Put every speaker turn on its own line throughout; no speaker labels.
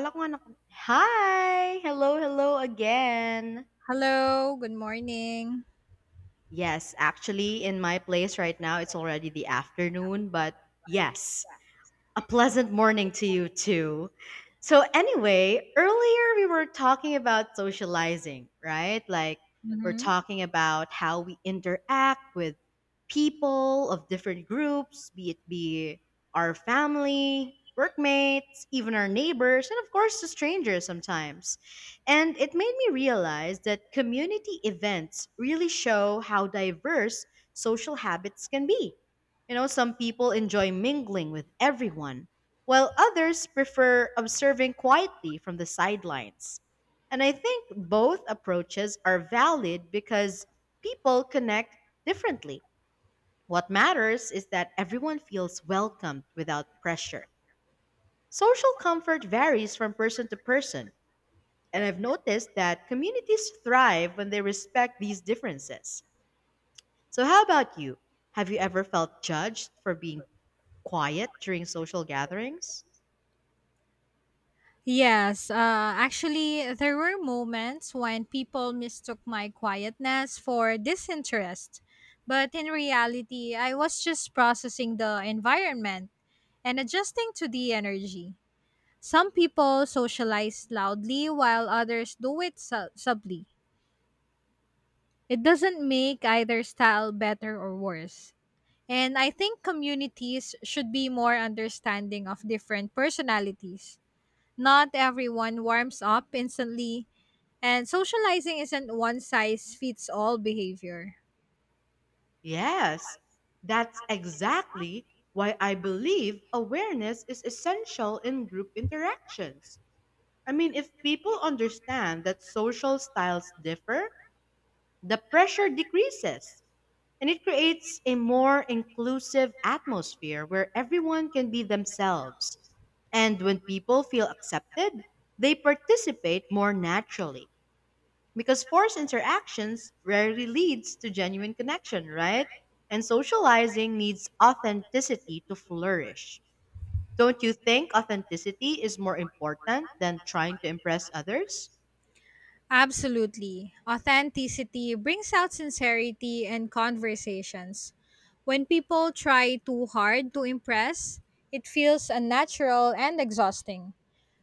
Akala ko nga nak- Hi! Hello, hello again.
Hello, good morning.
Yes, actually, in my place right now, it's already the afternoon, but yes, a pleasant morning to you too. So, anyway, earlier we were talking about socializing, right? Like, we're
Mm-hmm.
talking about how we interact with people of different groups, be it be our family, workmates, even our neighbors, and of course, the strangers sometimes. And it made me realize that community events really show how diverse social habits can be, you know, some people enjoy mingling with everyone, while others prefer observing quietly from the sidelines. And I think both approaches are valid because people connect differently. What matters is that everyone feels welcomed without pressure. Social comfort varies from person to person, and I've noticed that communities thrive when they respect these differences. So, how about you? Have you ever felt judged for being quiet during social gatherings?
Yes, actually, there were moments when people mistook my quietness for disinterest. But in reality, I was just processing the environment and adjusting to the energy. Some people socialize loudly while others do it subtly. It doesn't make either style better or worse. And I think communities should be more understanding of different personalities. Not everyone warms up instantly, and socializing isn't one size fits all behavior.
Yes, that's exactly why I believe awareness is essential in group interactions. I mean, if people understand that social styles differ, the pressure decreases and it creates a more inclusive atmosphere where everyone can be themselves. And when people feel accepted, they participate more naturally. Because forced interactions rarely leads to genuine connection, right? And socializing needs authenticity to flourish. Don't you think authenticity is more important than trying to impress others?
Absolutely. Authenticity brings out sincerity in conversations. When people try too hard to impress, it feels unnatural and exhausting.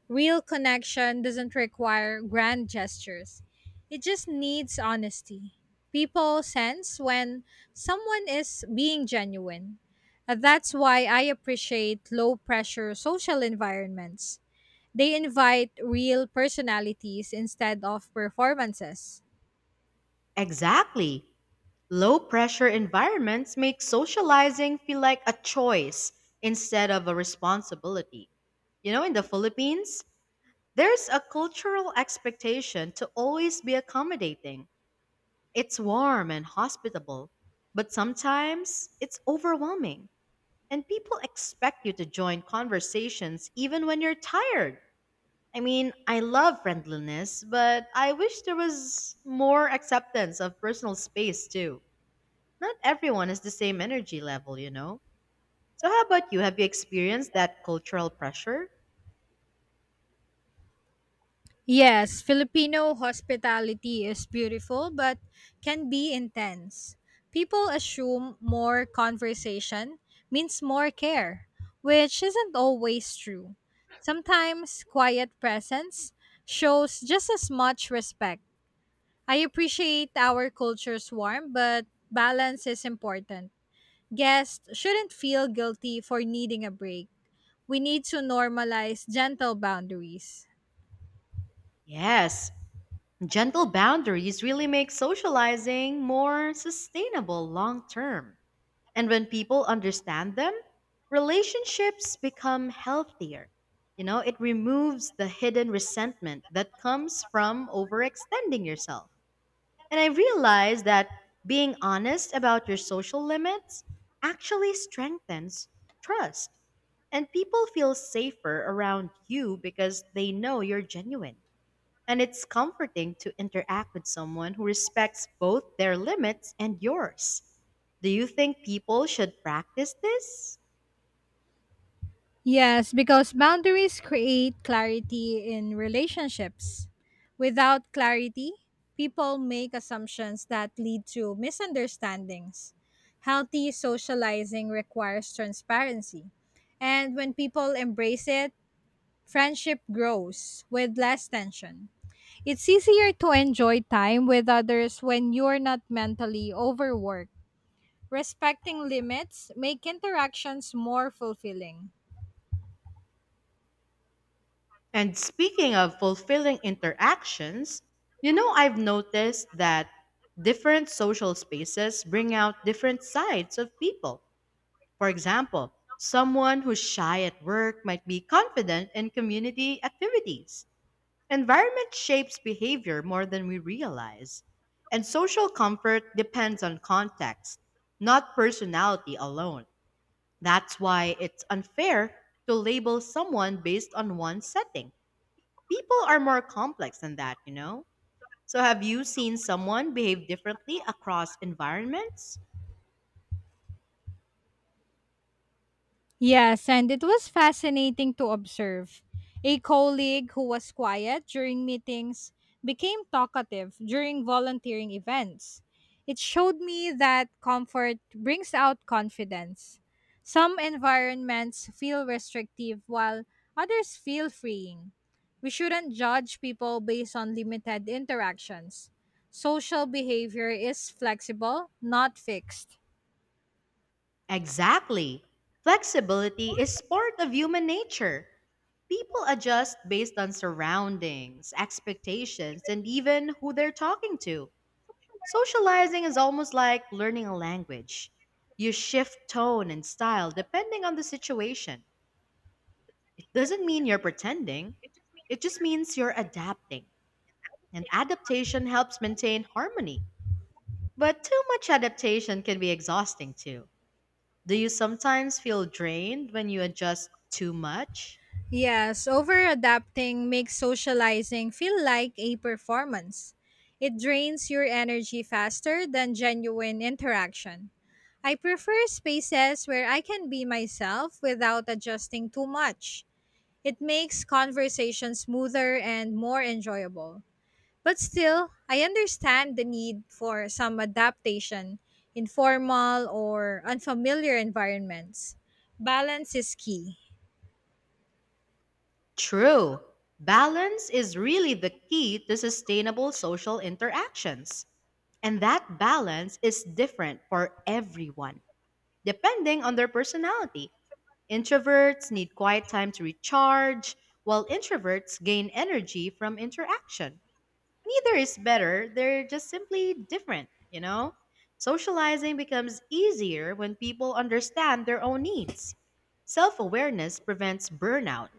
Real connection doesn't require grand gestures, it just needs honesty. People sense when someone is being genuine. And that's why I appreciate low pressure social environments. They invite real personalities instead of performances.
Exactly. Low pressure environments make socializing feel like a choice instead of a responsibility. You know, in the Philippines, there's a cultural expectation to always be accommodating. It's warm and hospitable, but sometimes it's overwhelming, and people expect you to join conversations even when you're tired. I mean, I love friendliness, but I wish there was more acceptance of personal space too. Not everyone has the same energy level, you know? So, how about you? Have you experienced that cultural pressure?
Yes, Filipino hospitality is beautiful but can be intense. People assume more conversation means more care, which isn't always true. Sometimes quiet presence shows just as much respect. I appreciate our culture's warm, but balance is important. Guests shouldn't feel guilty for needing a break. We need to normalize gentle boundaries.
Yes, gentle boundaries really make socializing more sustainable long term. And when people understand them, relationships become healthier. You know, it removes the hidden resentment that comes from overextending yourself. And I realized that being honest about your social limits actually strengthens trust. And people feel safer around you because they know you're genuine. And it's comforting to interact with someone who respects both their limits and yours. Do you think people should practice this?
Yes, because boundaries create clarity in relationships. Without clarity, people make assumptions that lead to misunderstandings. Healthy socializing requires transparency. And when people embrace it, friendship grows with less tension. It's easier to enjoy time with others when you're not mentally overworked. Respecting limits make interactions more fulfilling.
And speaking of fulfilling interactions, you know, I've noticed that different social spaces bring out different sides of people. For example, someone who's shy at work might be confident in community activities. Environment shapes behavior more than we realize, and social comfort depends on context, not personality alone. That's why it's unfair to label someone based on one setting. People are more complex than that, you know? So, have you seen someone behave differently across environments?
Yes, and it was fascinating to observe. A colleague who was quiet during meetings became talkative during volunteering events. It showed me that comfort brings out confidence. Some environments feel restrictive while others feel freeing. We shouldn't judge people based on limited interactions. Social behavior is flexible, not fixed.
Exactly. Flexibility is part of human nature. People adjust based on surroundings, expectations, and even who they're talking to. Socializing is almost like learning a language. You shift tone and style depending on the situation. It doesn't mean you're pretending, it just means you're adapting. And adaptation helps maintain harmony. But too much adaptation can be exhausting too. Do you sometimes feel drained when you adjust too much?
Yes, over adapting makes socializing feel like a performance. It drains your energy faster than genuine interaction. I prefer spaces where I can be myself without adjusting too much. It makes conversation smoother and more enjoyable. But still, I understand the need for some adaptation in formal or unfamiliar environments. Balance is key.
True. Balance is really the key to sustainable social interactions. And that balance is different for everyone, depending on their personality. Introverts need quiet time to recharge, while introverts gain energy from interaction. Neither is better, they're just simply different, you know? Socializing becomes easier when people understand their own needs. Self awareness prevents burnout.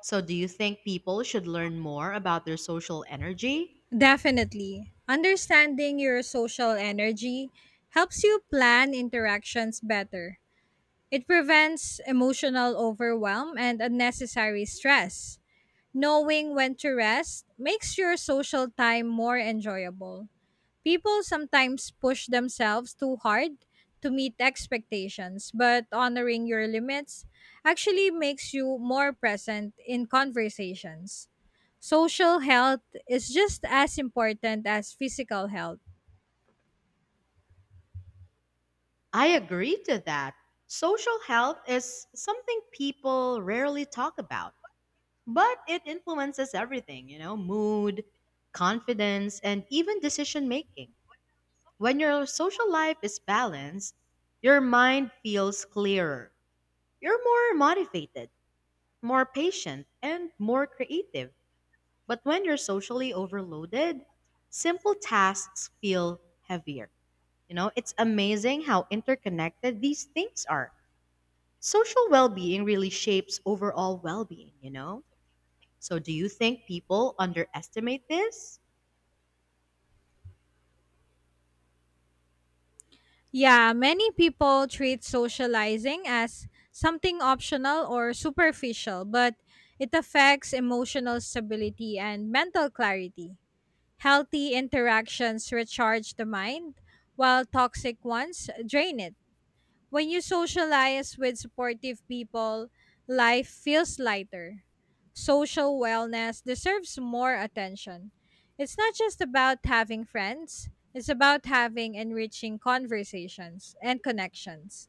So, do you think people should learn more about their social energy?
Definitely. Understanding your social energy helps you plan interactions better. It prevents emotional overwhelm and unnecessary stress. Knowing when to rest makes your social time more enjoyable. People sometimes push themselves too hard to meet expectations, but honoring your limits actually makes you more present in conversations. Social health is just as important as physical health.
I agree to that. Social health is something people rarely talk about, but it influences everything, you know, mood, confidence, and even decision making. When your social life is balanced, your mind feels clearer. You're more motivated, more patient, and more creative. But when you're socially overloaded, simple tasks feel heavier. You know, it's amazing how interconnected these things are. Social well being really shapes overall well being, you know? So, do you think people underestimate this?
Yeah, many people treat socializing as something optional or superficial, but it affects emotional stability and mental clarity. Healthy interactions recharge the mind, while toxic ones drain it. When you socialize with supportive people, life feels lighter. Social wellness deserves more attention. It's not just about having friends, it's about having enriching conversations and connections.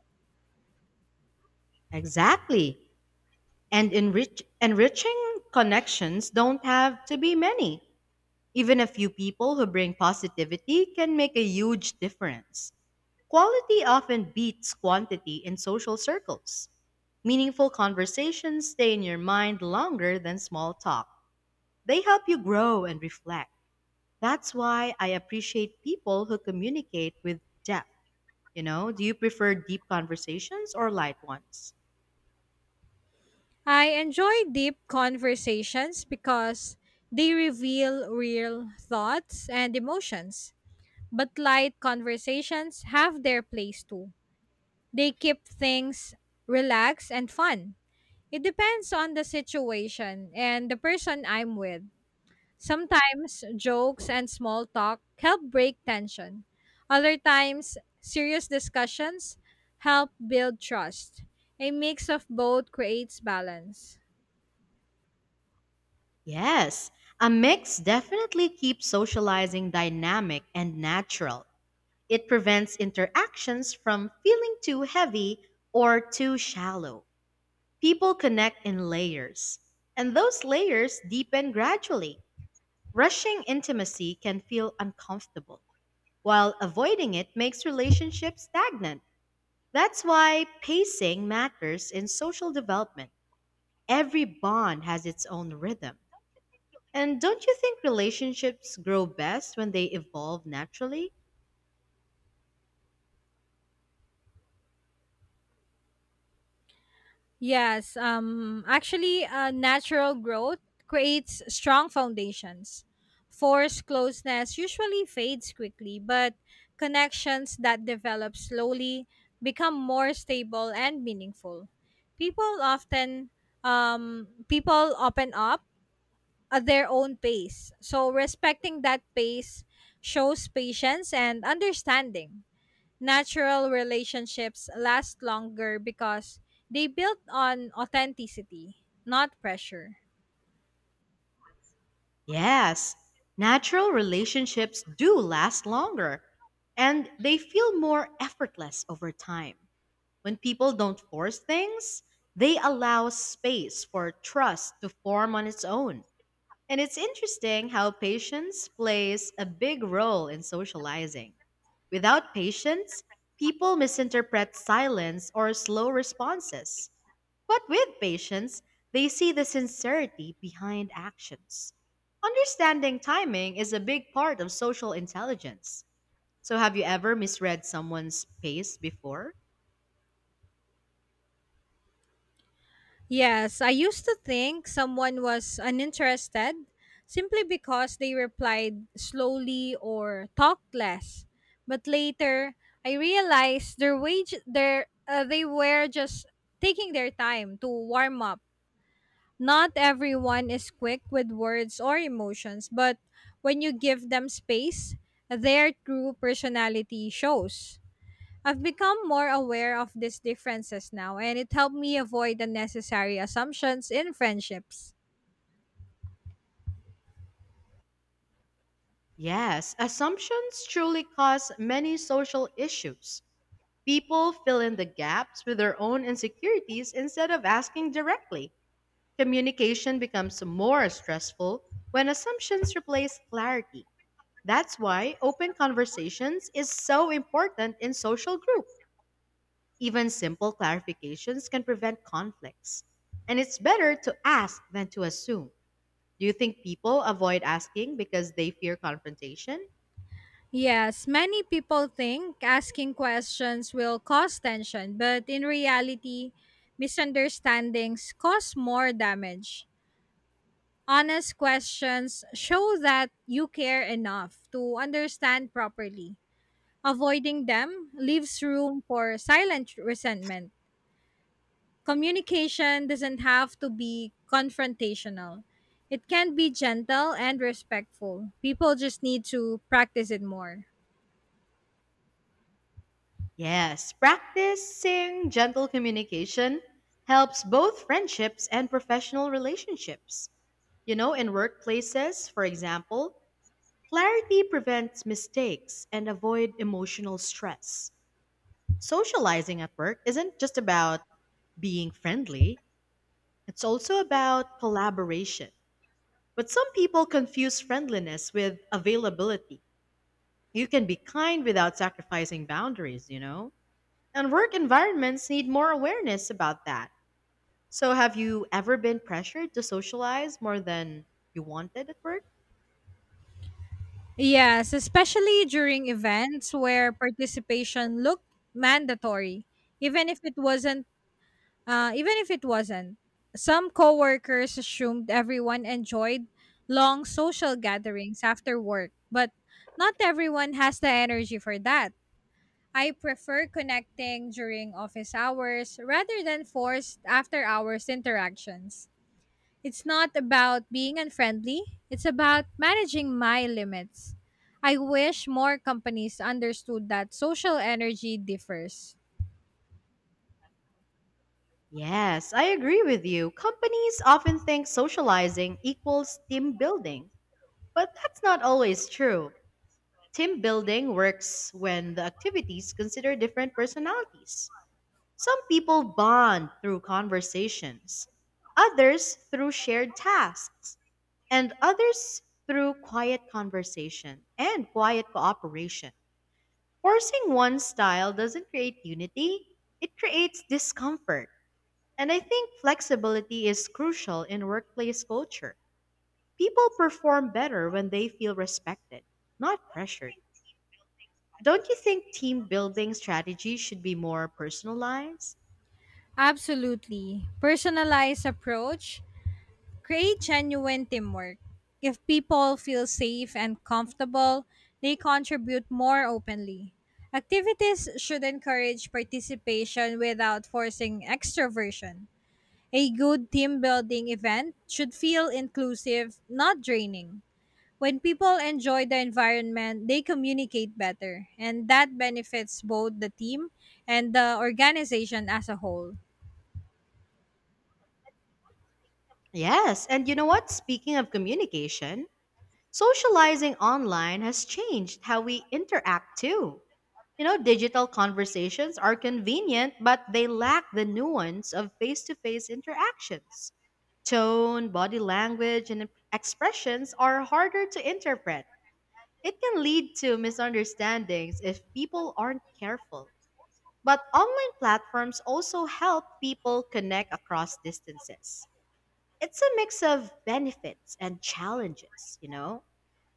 Exactly. And enriching connections don't have to be many. Even a few people who bring positivity can make a huge difference. Quality often beats quantity in social circles. Meaningful conversations stay in your mind longer than small talk. They help you grow and reflect. That's why I appreciate people who communicate with depth. You know, do you prefer deep conversations or light ones?
I enjoy deep conversations because they reveal real thoughts and emotions. But light conversations have their place too. They keep things relaxed and fun. It depends on the situation and the person I'm with. Sometimes jokes and small talk help break tension. Other times, serious discussions help build trust. A mix of both creates balance.
Yes, a mix definitely keeps socializing dynamic and natural. It prevents interactions from feeling too heavy or too shallow. People connect in layers, and those layers deepen gradually. Rushing intimacy can feel uncomfortable, while avoiding it makes relationships stagnant. That's why pacing matters in social development. Every bond has its own rhythm. And don't you think relationships grow best when they evolve naturally?
Yes, actually, natural growth creates strong foundations. Forced closeness usually fades quickly, but connections that develop slowly become more stable and meaningful. People often, people open up at their own pace, so respecting that pace shows patience and understanding. Natural relationships last longer because they built on authenticity, not pressure.
Yes, natural relationships do last longer and they feel more effortless over time. When people don't force things, they allow space for trust to form on its own. And it's interesting how patience plays a big role in socializing. Without patience, people misinterpret silence or slow responses. But with patience, they see the sincerity behind actions. Understanding timing is a big part of social intelligence. So, have you ever misread someone's pace before?
Yes, I used to think someone was uninterested simply because they replied slowly or talked less. But later, I realized their wage their they were just taking their time to warm up. Not everyone is quick with words or emotions, but when you give them space, their true personality shows. I've become more aware of these differences now, and it helped me avoid unnecessary assumptions in friendships.
Yes, assumptions truly cause many social issues. People fill in the gaps with their own insecurities instead of asking directly. Communication becomes more stressful when assumptions replace clarity. That's why open conversations is so important in social group. Even simple clarifications can prevent conflicts. And it's better to ask than to assume. Do you think people avoid asking because they fear confrontation?
Yes, many people think asking questions will cause tension, but in reality, misunderstandings cause more damage. Honest questions show that you care enough to understand properly. Avoiding them leaves room for silent resentment. Communication doesn't have to be confrontational, it can be gentle and respectful. People just need to practice it more.
Yes, practicing gentle communication helps both friendships and professional relationships. You know, in workplaces, for example, clarity prevents mistakes and avoid emotional stress. Socializing at work isn't just about being friendly, it's also about collaboration. But some people confuse friendliness with availability. You can be kind without sacrificing boundaries, you know? And work environments need more awareness about that. So, have you ever been pressured to socialize more than you wanted at work?
Yes, especially during events where participation looked mandatory, even if it wasn't even if it wasn't. Some coworkers assumed everyone enjoyed long social gatherings after work, but not everyone has the energy for that. I prefer connecting during office hours rather than forced after hours interactions. It's not about being unfriendly, it's about managing my limits. I wish more companies understood that social energy differs.
Yes, I agree with you. Companies often think socializing equals team building, but that's not always true. Team building works when the activities consider different personalities. Some people bond through conversations, others through shared tasks, and others through quiet conversation and quiet cooperation. Forcing one style doesn't create unity, it creates discomfort. And I think flexibility is crucial in workplace culture. People perform better when they feel respected, not pressured. Don't you think team building strategies should be more personalized?
Absolutely. Personalized approach create genuine teamwork. If people feel safe and comfortable, they contribute more openly. Activities should encourage participation without forcing extroversion. A good team building event should feel inclusive, not draining. When people enjoy the environment, they communicate better, and that benefits both the team and the organization as a whole.
Yes, and you know what? Speaking of communication, socializing online has changed how we interact too. You know, digital conversations are convenient, but they lack the nuance of face to face interactions. Tone, body language, and expressions are harder to interpret. It can lead to misunderstandings if people aren't careful. But online platforms also help people connect across distances. It's a mix of benefits and challenges, you know?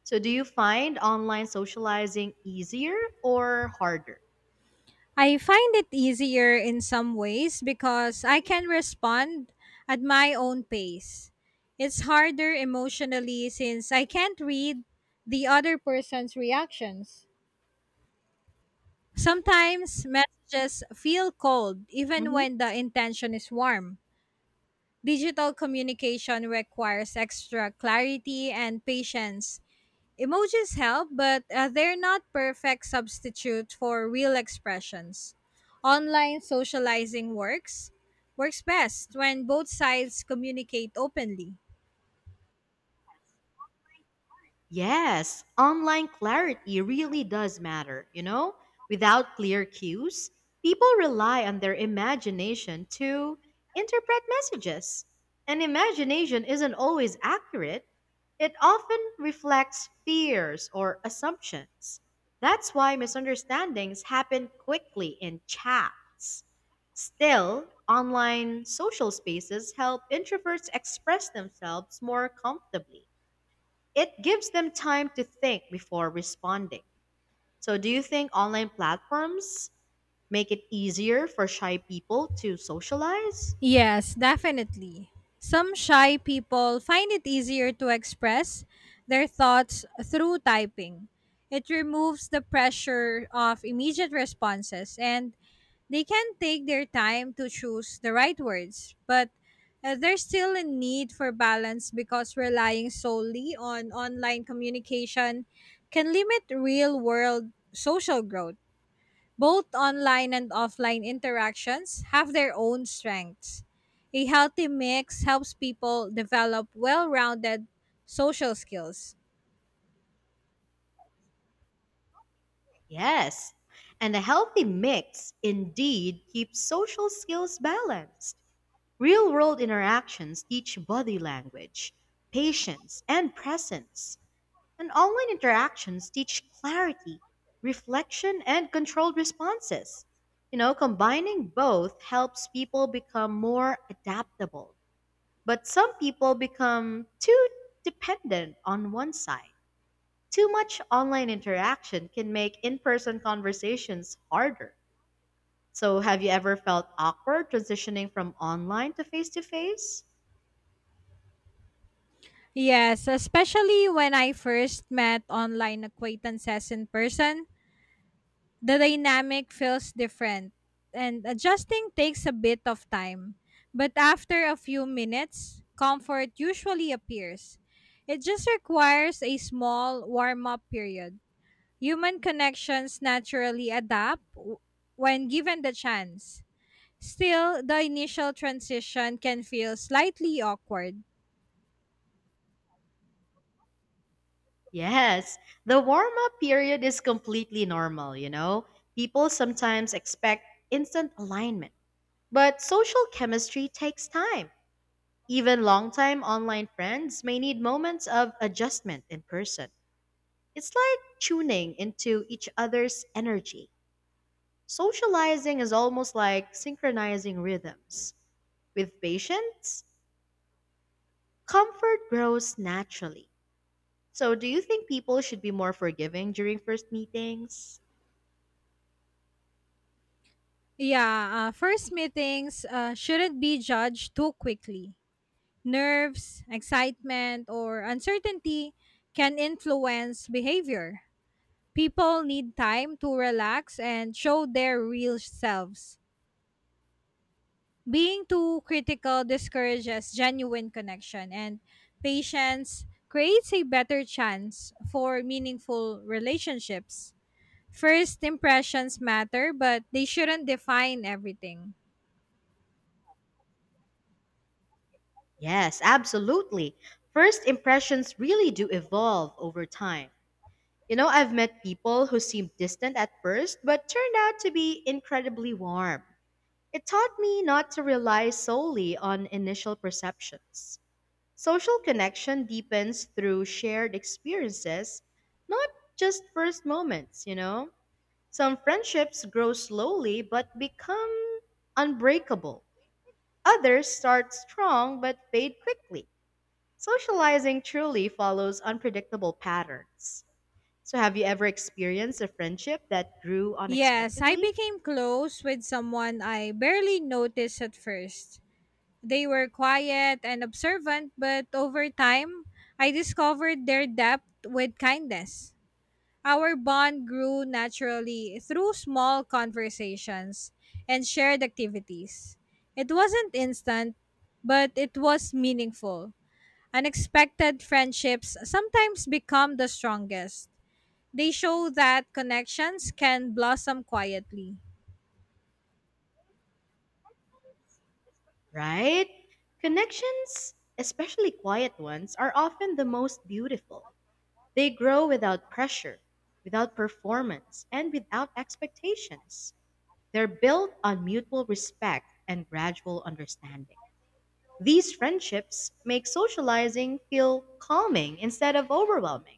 So, do you find online socializing easier or harder?
I find it easier in some ways because I can respond at my own pace. It's harder emotionally since I can't read the other person's reactions. Sometimes messages feel cold even when the intention is warm. Digital communication requires extra clarity and patience. Emojis help, but they're not perfect substitute for real expressions. Online socializing works best when both sides communicate openly.
Yes, online clarity really does matter, you know? Without clear cues, people rely on their imagination to interpret messages. And imagination isn't always accurate, it often reflects fears or assumptions. That's why misunderstandings happen quickly in chats. Still, online social spaces help introverts express themselves more comfortably, it gives them time to think before responding. So, do you think online platforms make it easier for shy people to socialize?
Yes, definitely. Some shy people find it easier to express their thoughts through typing. It removes the pressure of immediate responses and they can take their time to choose the right words, but there's still a need for balance because relying solely on online communication can limit real world social growth. Both online and offline interactions have their own strengths. A healthy mix helps people develop well rounded social skills.
Yes. And a healthy mix indeed keeps social skills balanced. Real world interactions teach body language, patience, and presence. And online interactions teach clarity, reflection, and controlled responses. You know, combining both helps people become more adaptable. But some people become too dependent on one side. Too much online interaction can make in person conversations harder. So, have you ever felt awkward transitioning from online to face to face?
Yes, especially when I first met online acquaintances in person, the dynamic feels different and adjusting takes a bit of time. But after a few minutes, comfort usually appears. It just requires a small warm up period. Human connections naturally adapt when given the chance. Still, the initial transition can feel slightly awkward.
Yes, the warm up period is completely normal, you know? People sometimes expect instant alignment, but social chemistry takes time. Even longtime online friends may need moments of adjustment in person. It's like tuning into each other's energy. Socializing is almost like synchronizing rhythms. With patience, comfort grows naturally. So, do you think people should be more forgiving during first meetings?
Yeah, first meetings shouldn't be judged too quickly. Nerves, excitement, or uncertainty can influence behavior. People need time to relax and show their real selves. Being too critical discourages genuine connection, and patience creates a better chance for meaningful relationships. First impressions matter, but they shouldn't define everything.
Yes, absolutely. First impressions really do evolve over time. You know, I've met people who seemed distant at first, but turned out to be incredibly warm. It taught me not to rely solely on initial perceptions. Social connection deepens through shared experiences, not just first moments, you know? Some friendships grow slowly but become unbreakable. Others start strong but fade quickly. Socializing truly follows unpredictable patterns. So, have you ever experienced a friendship that grew
Yes, I
unexpectedly?
became close with someone I barely noticed at first. They were quiet and observant, but over time, I discovered their depth with kindness. Our bond grew naturally through small conversations and shared activities. It wasn't instant, but it was meaningful. Unexpected friendships sometimes become the strongest. They show that connections can blossom quietly.
Right? Connections, especially quiet ones, are often the most beautiful. They grow without pressure, without performance, and without expectations. They're built on mutual respect and gradual understanding. These friendships make socializing feel calming instead of overwhelming.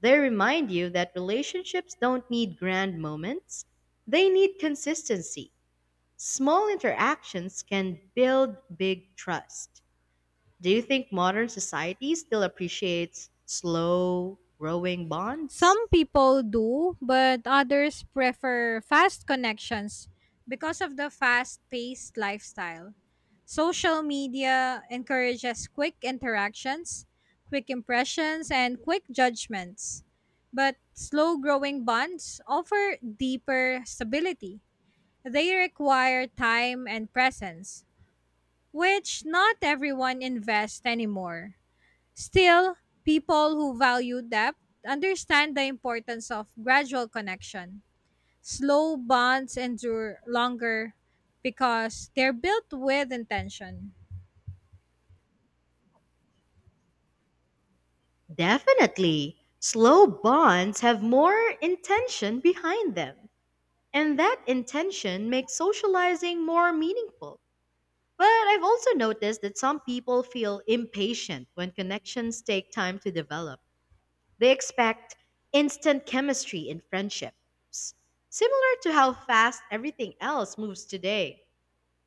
They remind you that relationships don't need grand moments, they need consistency. Small interactions can build big trust. Do you think modern society still appreciates slow, growing bonds?
Some people do, but others prefer fast connections because of the fast paced lifestyle. Social media encourages quick interactions, quick impressions, and quick judgments. But slow growing bonds offer deeper stability. They require time and presence, which not everyone invests anymore. Still, people who value depth understand the importance of gradual connection. Slow bonds endure longer because they're built with intention.
Definitely. Slow bonds have more intention behind them, and that intention makes socializing more meaningful. But I've also noticed that some people feel impatient when connections take time to develop. They expect instant chemistry in friendships, similar to how fast everything else moves today.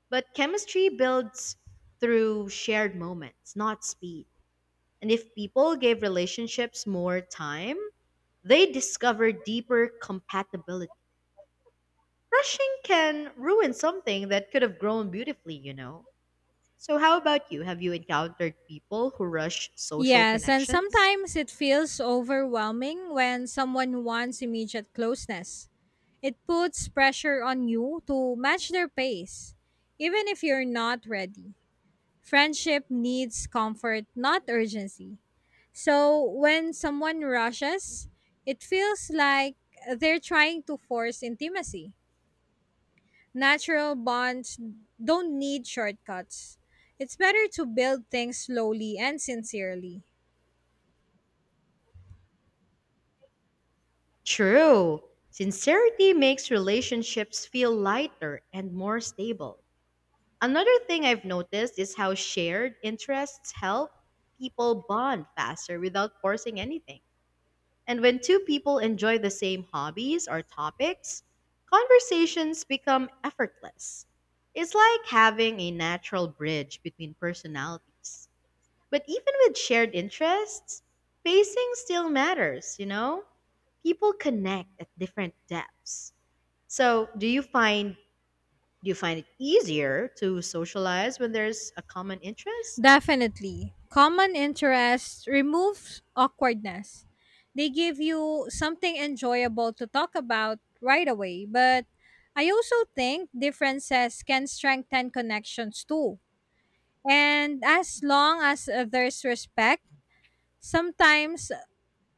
But chemistry builds through shared moments, not speed. And if people gave relationships more time, they discover deeper compatibility. Rushing can ruin something that could have grown beautifully, you know. So, how about you? Have you encountered people who rush social
Yes, and
connections?
sometimes it feels overwhelming when someone wants immediate closeness. It puts pressure on you to match their pace, even if you're not ready. Friendship needs comfort, not urgency. So when someone rushes, it feels like they're trying to force intimacy. Natural bonds don't need shortcuts. It's better to build things slowly and sincerely.
True. Sincerity makes relationships feel lighter and more stable. Another thing I've noticed is how shared interests help people bond faster without forcing anything. And when two people enjoy the same hobbies or topics, conversations become effortless. It's like having a natural bridge between personalities. But even with shared interests, pacing still matters, you know? People connect at different depths. So, do you find it easier to socialize when there's a common interest?
Definitely. Common interests remove awkwardness. They give you something enjoyable to talk about right away, but I also think differences can strengthen connections too. And as long as there's respect, sometimes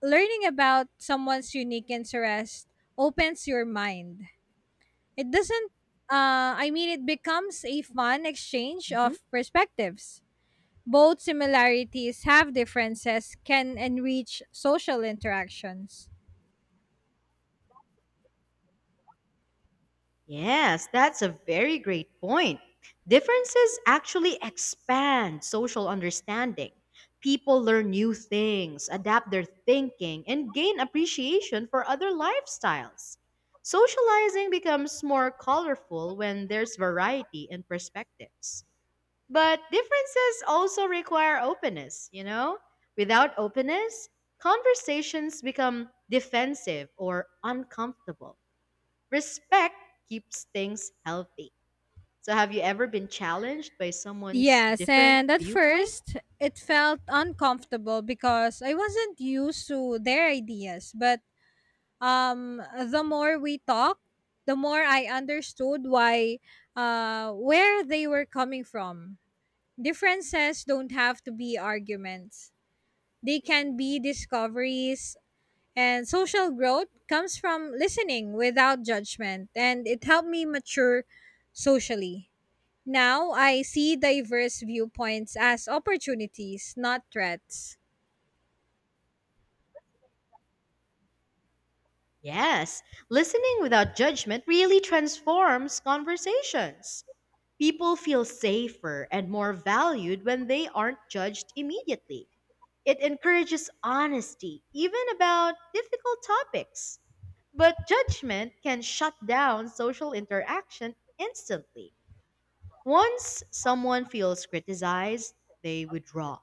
learning about someone's unique interest opens your mind. It doesn't, I mean, it becomes a fun exchange
Mm-hmm.
of perspectives. Both similarities have differences, can enrich social interactions.
Yes, that's a very great point. Differences actually expand social understanding. People learn new things, adapt their thinking, and gain appreciation for other lifestyles. Socializing becomes more colorful when there's variety in perspectives. But differences also require openness, you know? Without openness, conversations become defensive or uncomfortable. Respect keeps things healthy. So, have you ever been challenged by someone's
Yes,
different
and at
viewpoint?
first it felt uncomfortable because I wasn't used to their ideas, but um, the more we talked, the more I understood why, where they were coming from. Differences don't have to be arguments. They can be discoveries and social growth comes from listening without judgment and it helped me mature socially. Now I see diverse viewpoints as opportunities, not threats.
Yes, listening without judgment really transforms conversations. People feel safer and more valued when they aren't judged immediately. It encourages honesty, even about difficult topics. But judgment can shut down social interaction instantly. Once someone feels criticized, they withdraw.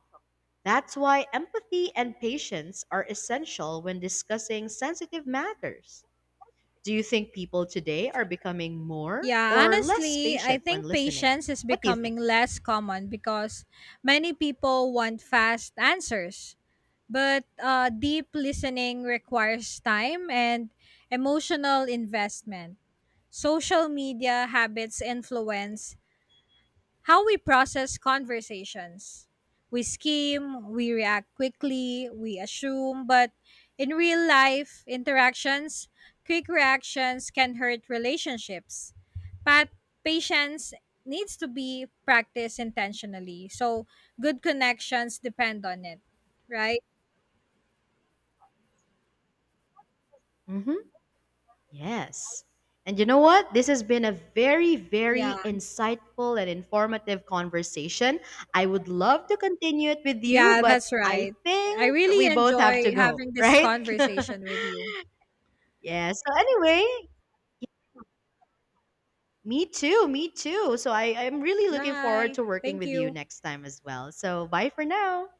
That's why empathy and patience are essential when discussing sensitive matters. Do you think people today are becoming more
Yeah,
or less
honestly, I
patient when
think
listening?
patience is
What do you
becoming
think?
less common because many people want fast answers. But deep listening requires time and emotional investment. Social media habits influence how we process conversations. We skim, we react quickly, we assume, but in real life interactions, quick reactions can hurt relationships. But patience needs to be practiced intentionally. So good connections depend on it, right?
Mm-hmm. Yes. And you know what? This has been a very,
Yeah.
very insightful and informative conversation. I would love to continue it with you,
Yeah,
but
that's
I
right. I
think we
really
both have to
enjoy
go,
having this
right?
conversation with you.
Yeah. So anyway, y- me too. Me too. So I'm really looking forward
Bye.
to working
Thank
with you
you.
next time as well. So bye for now.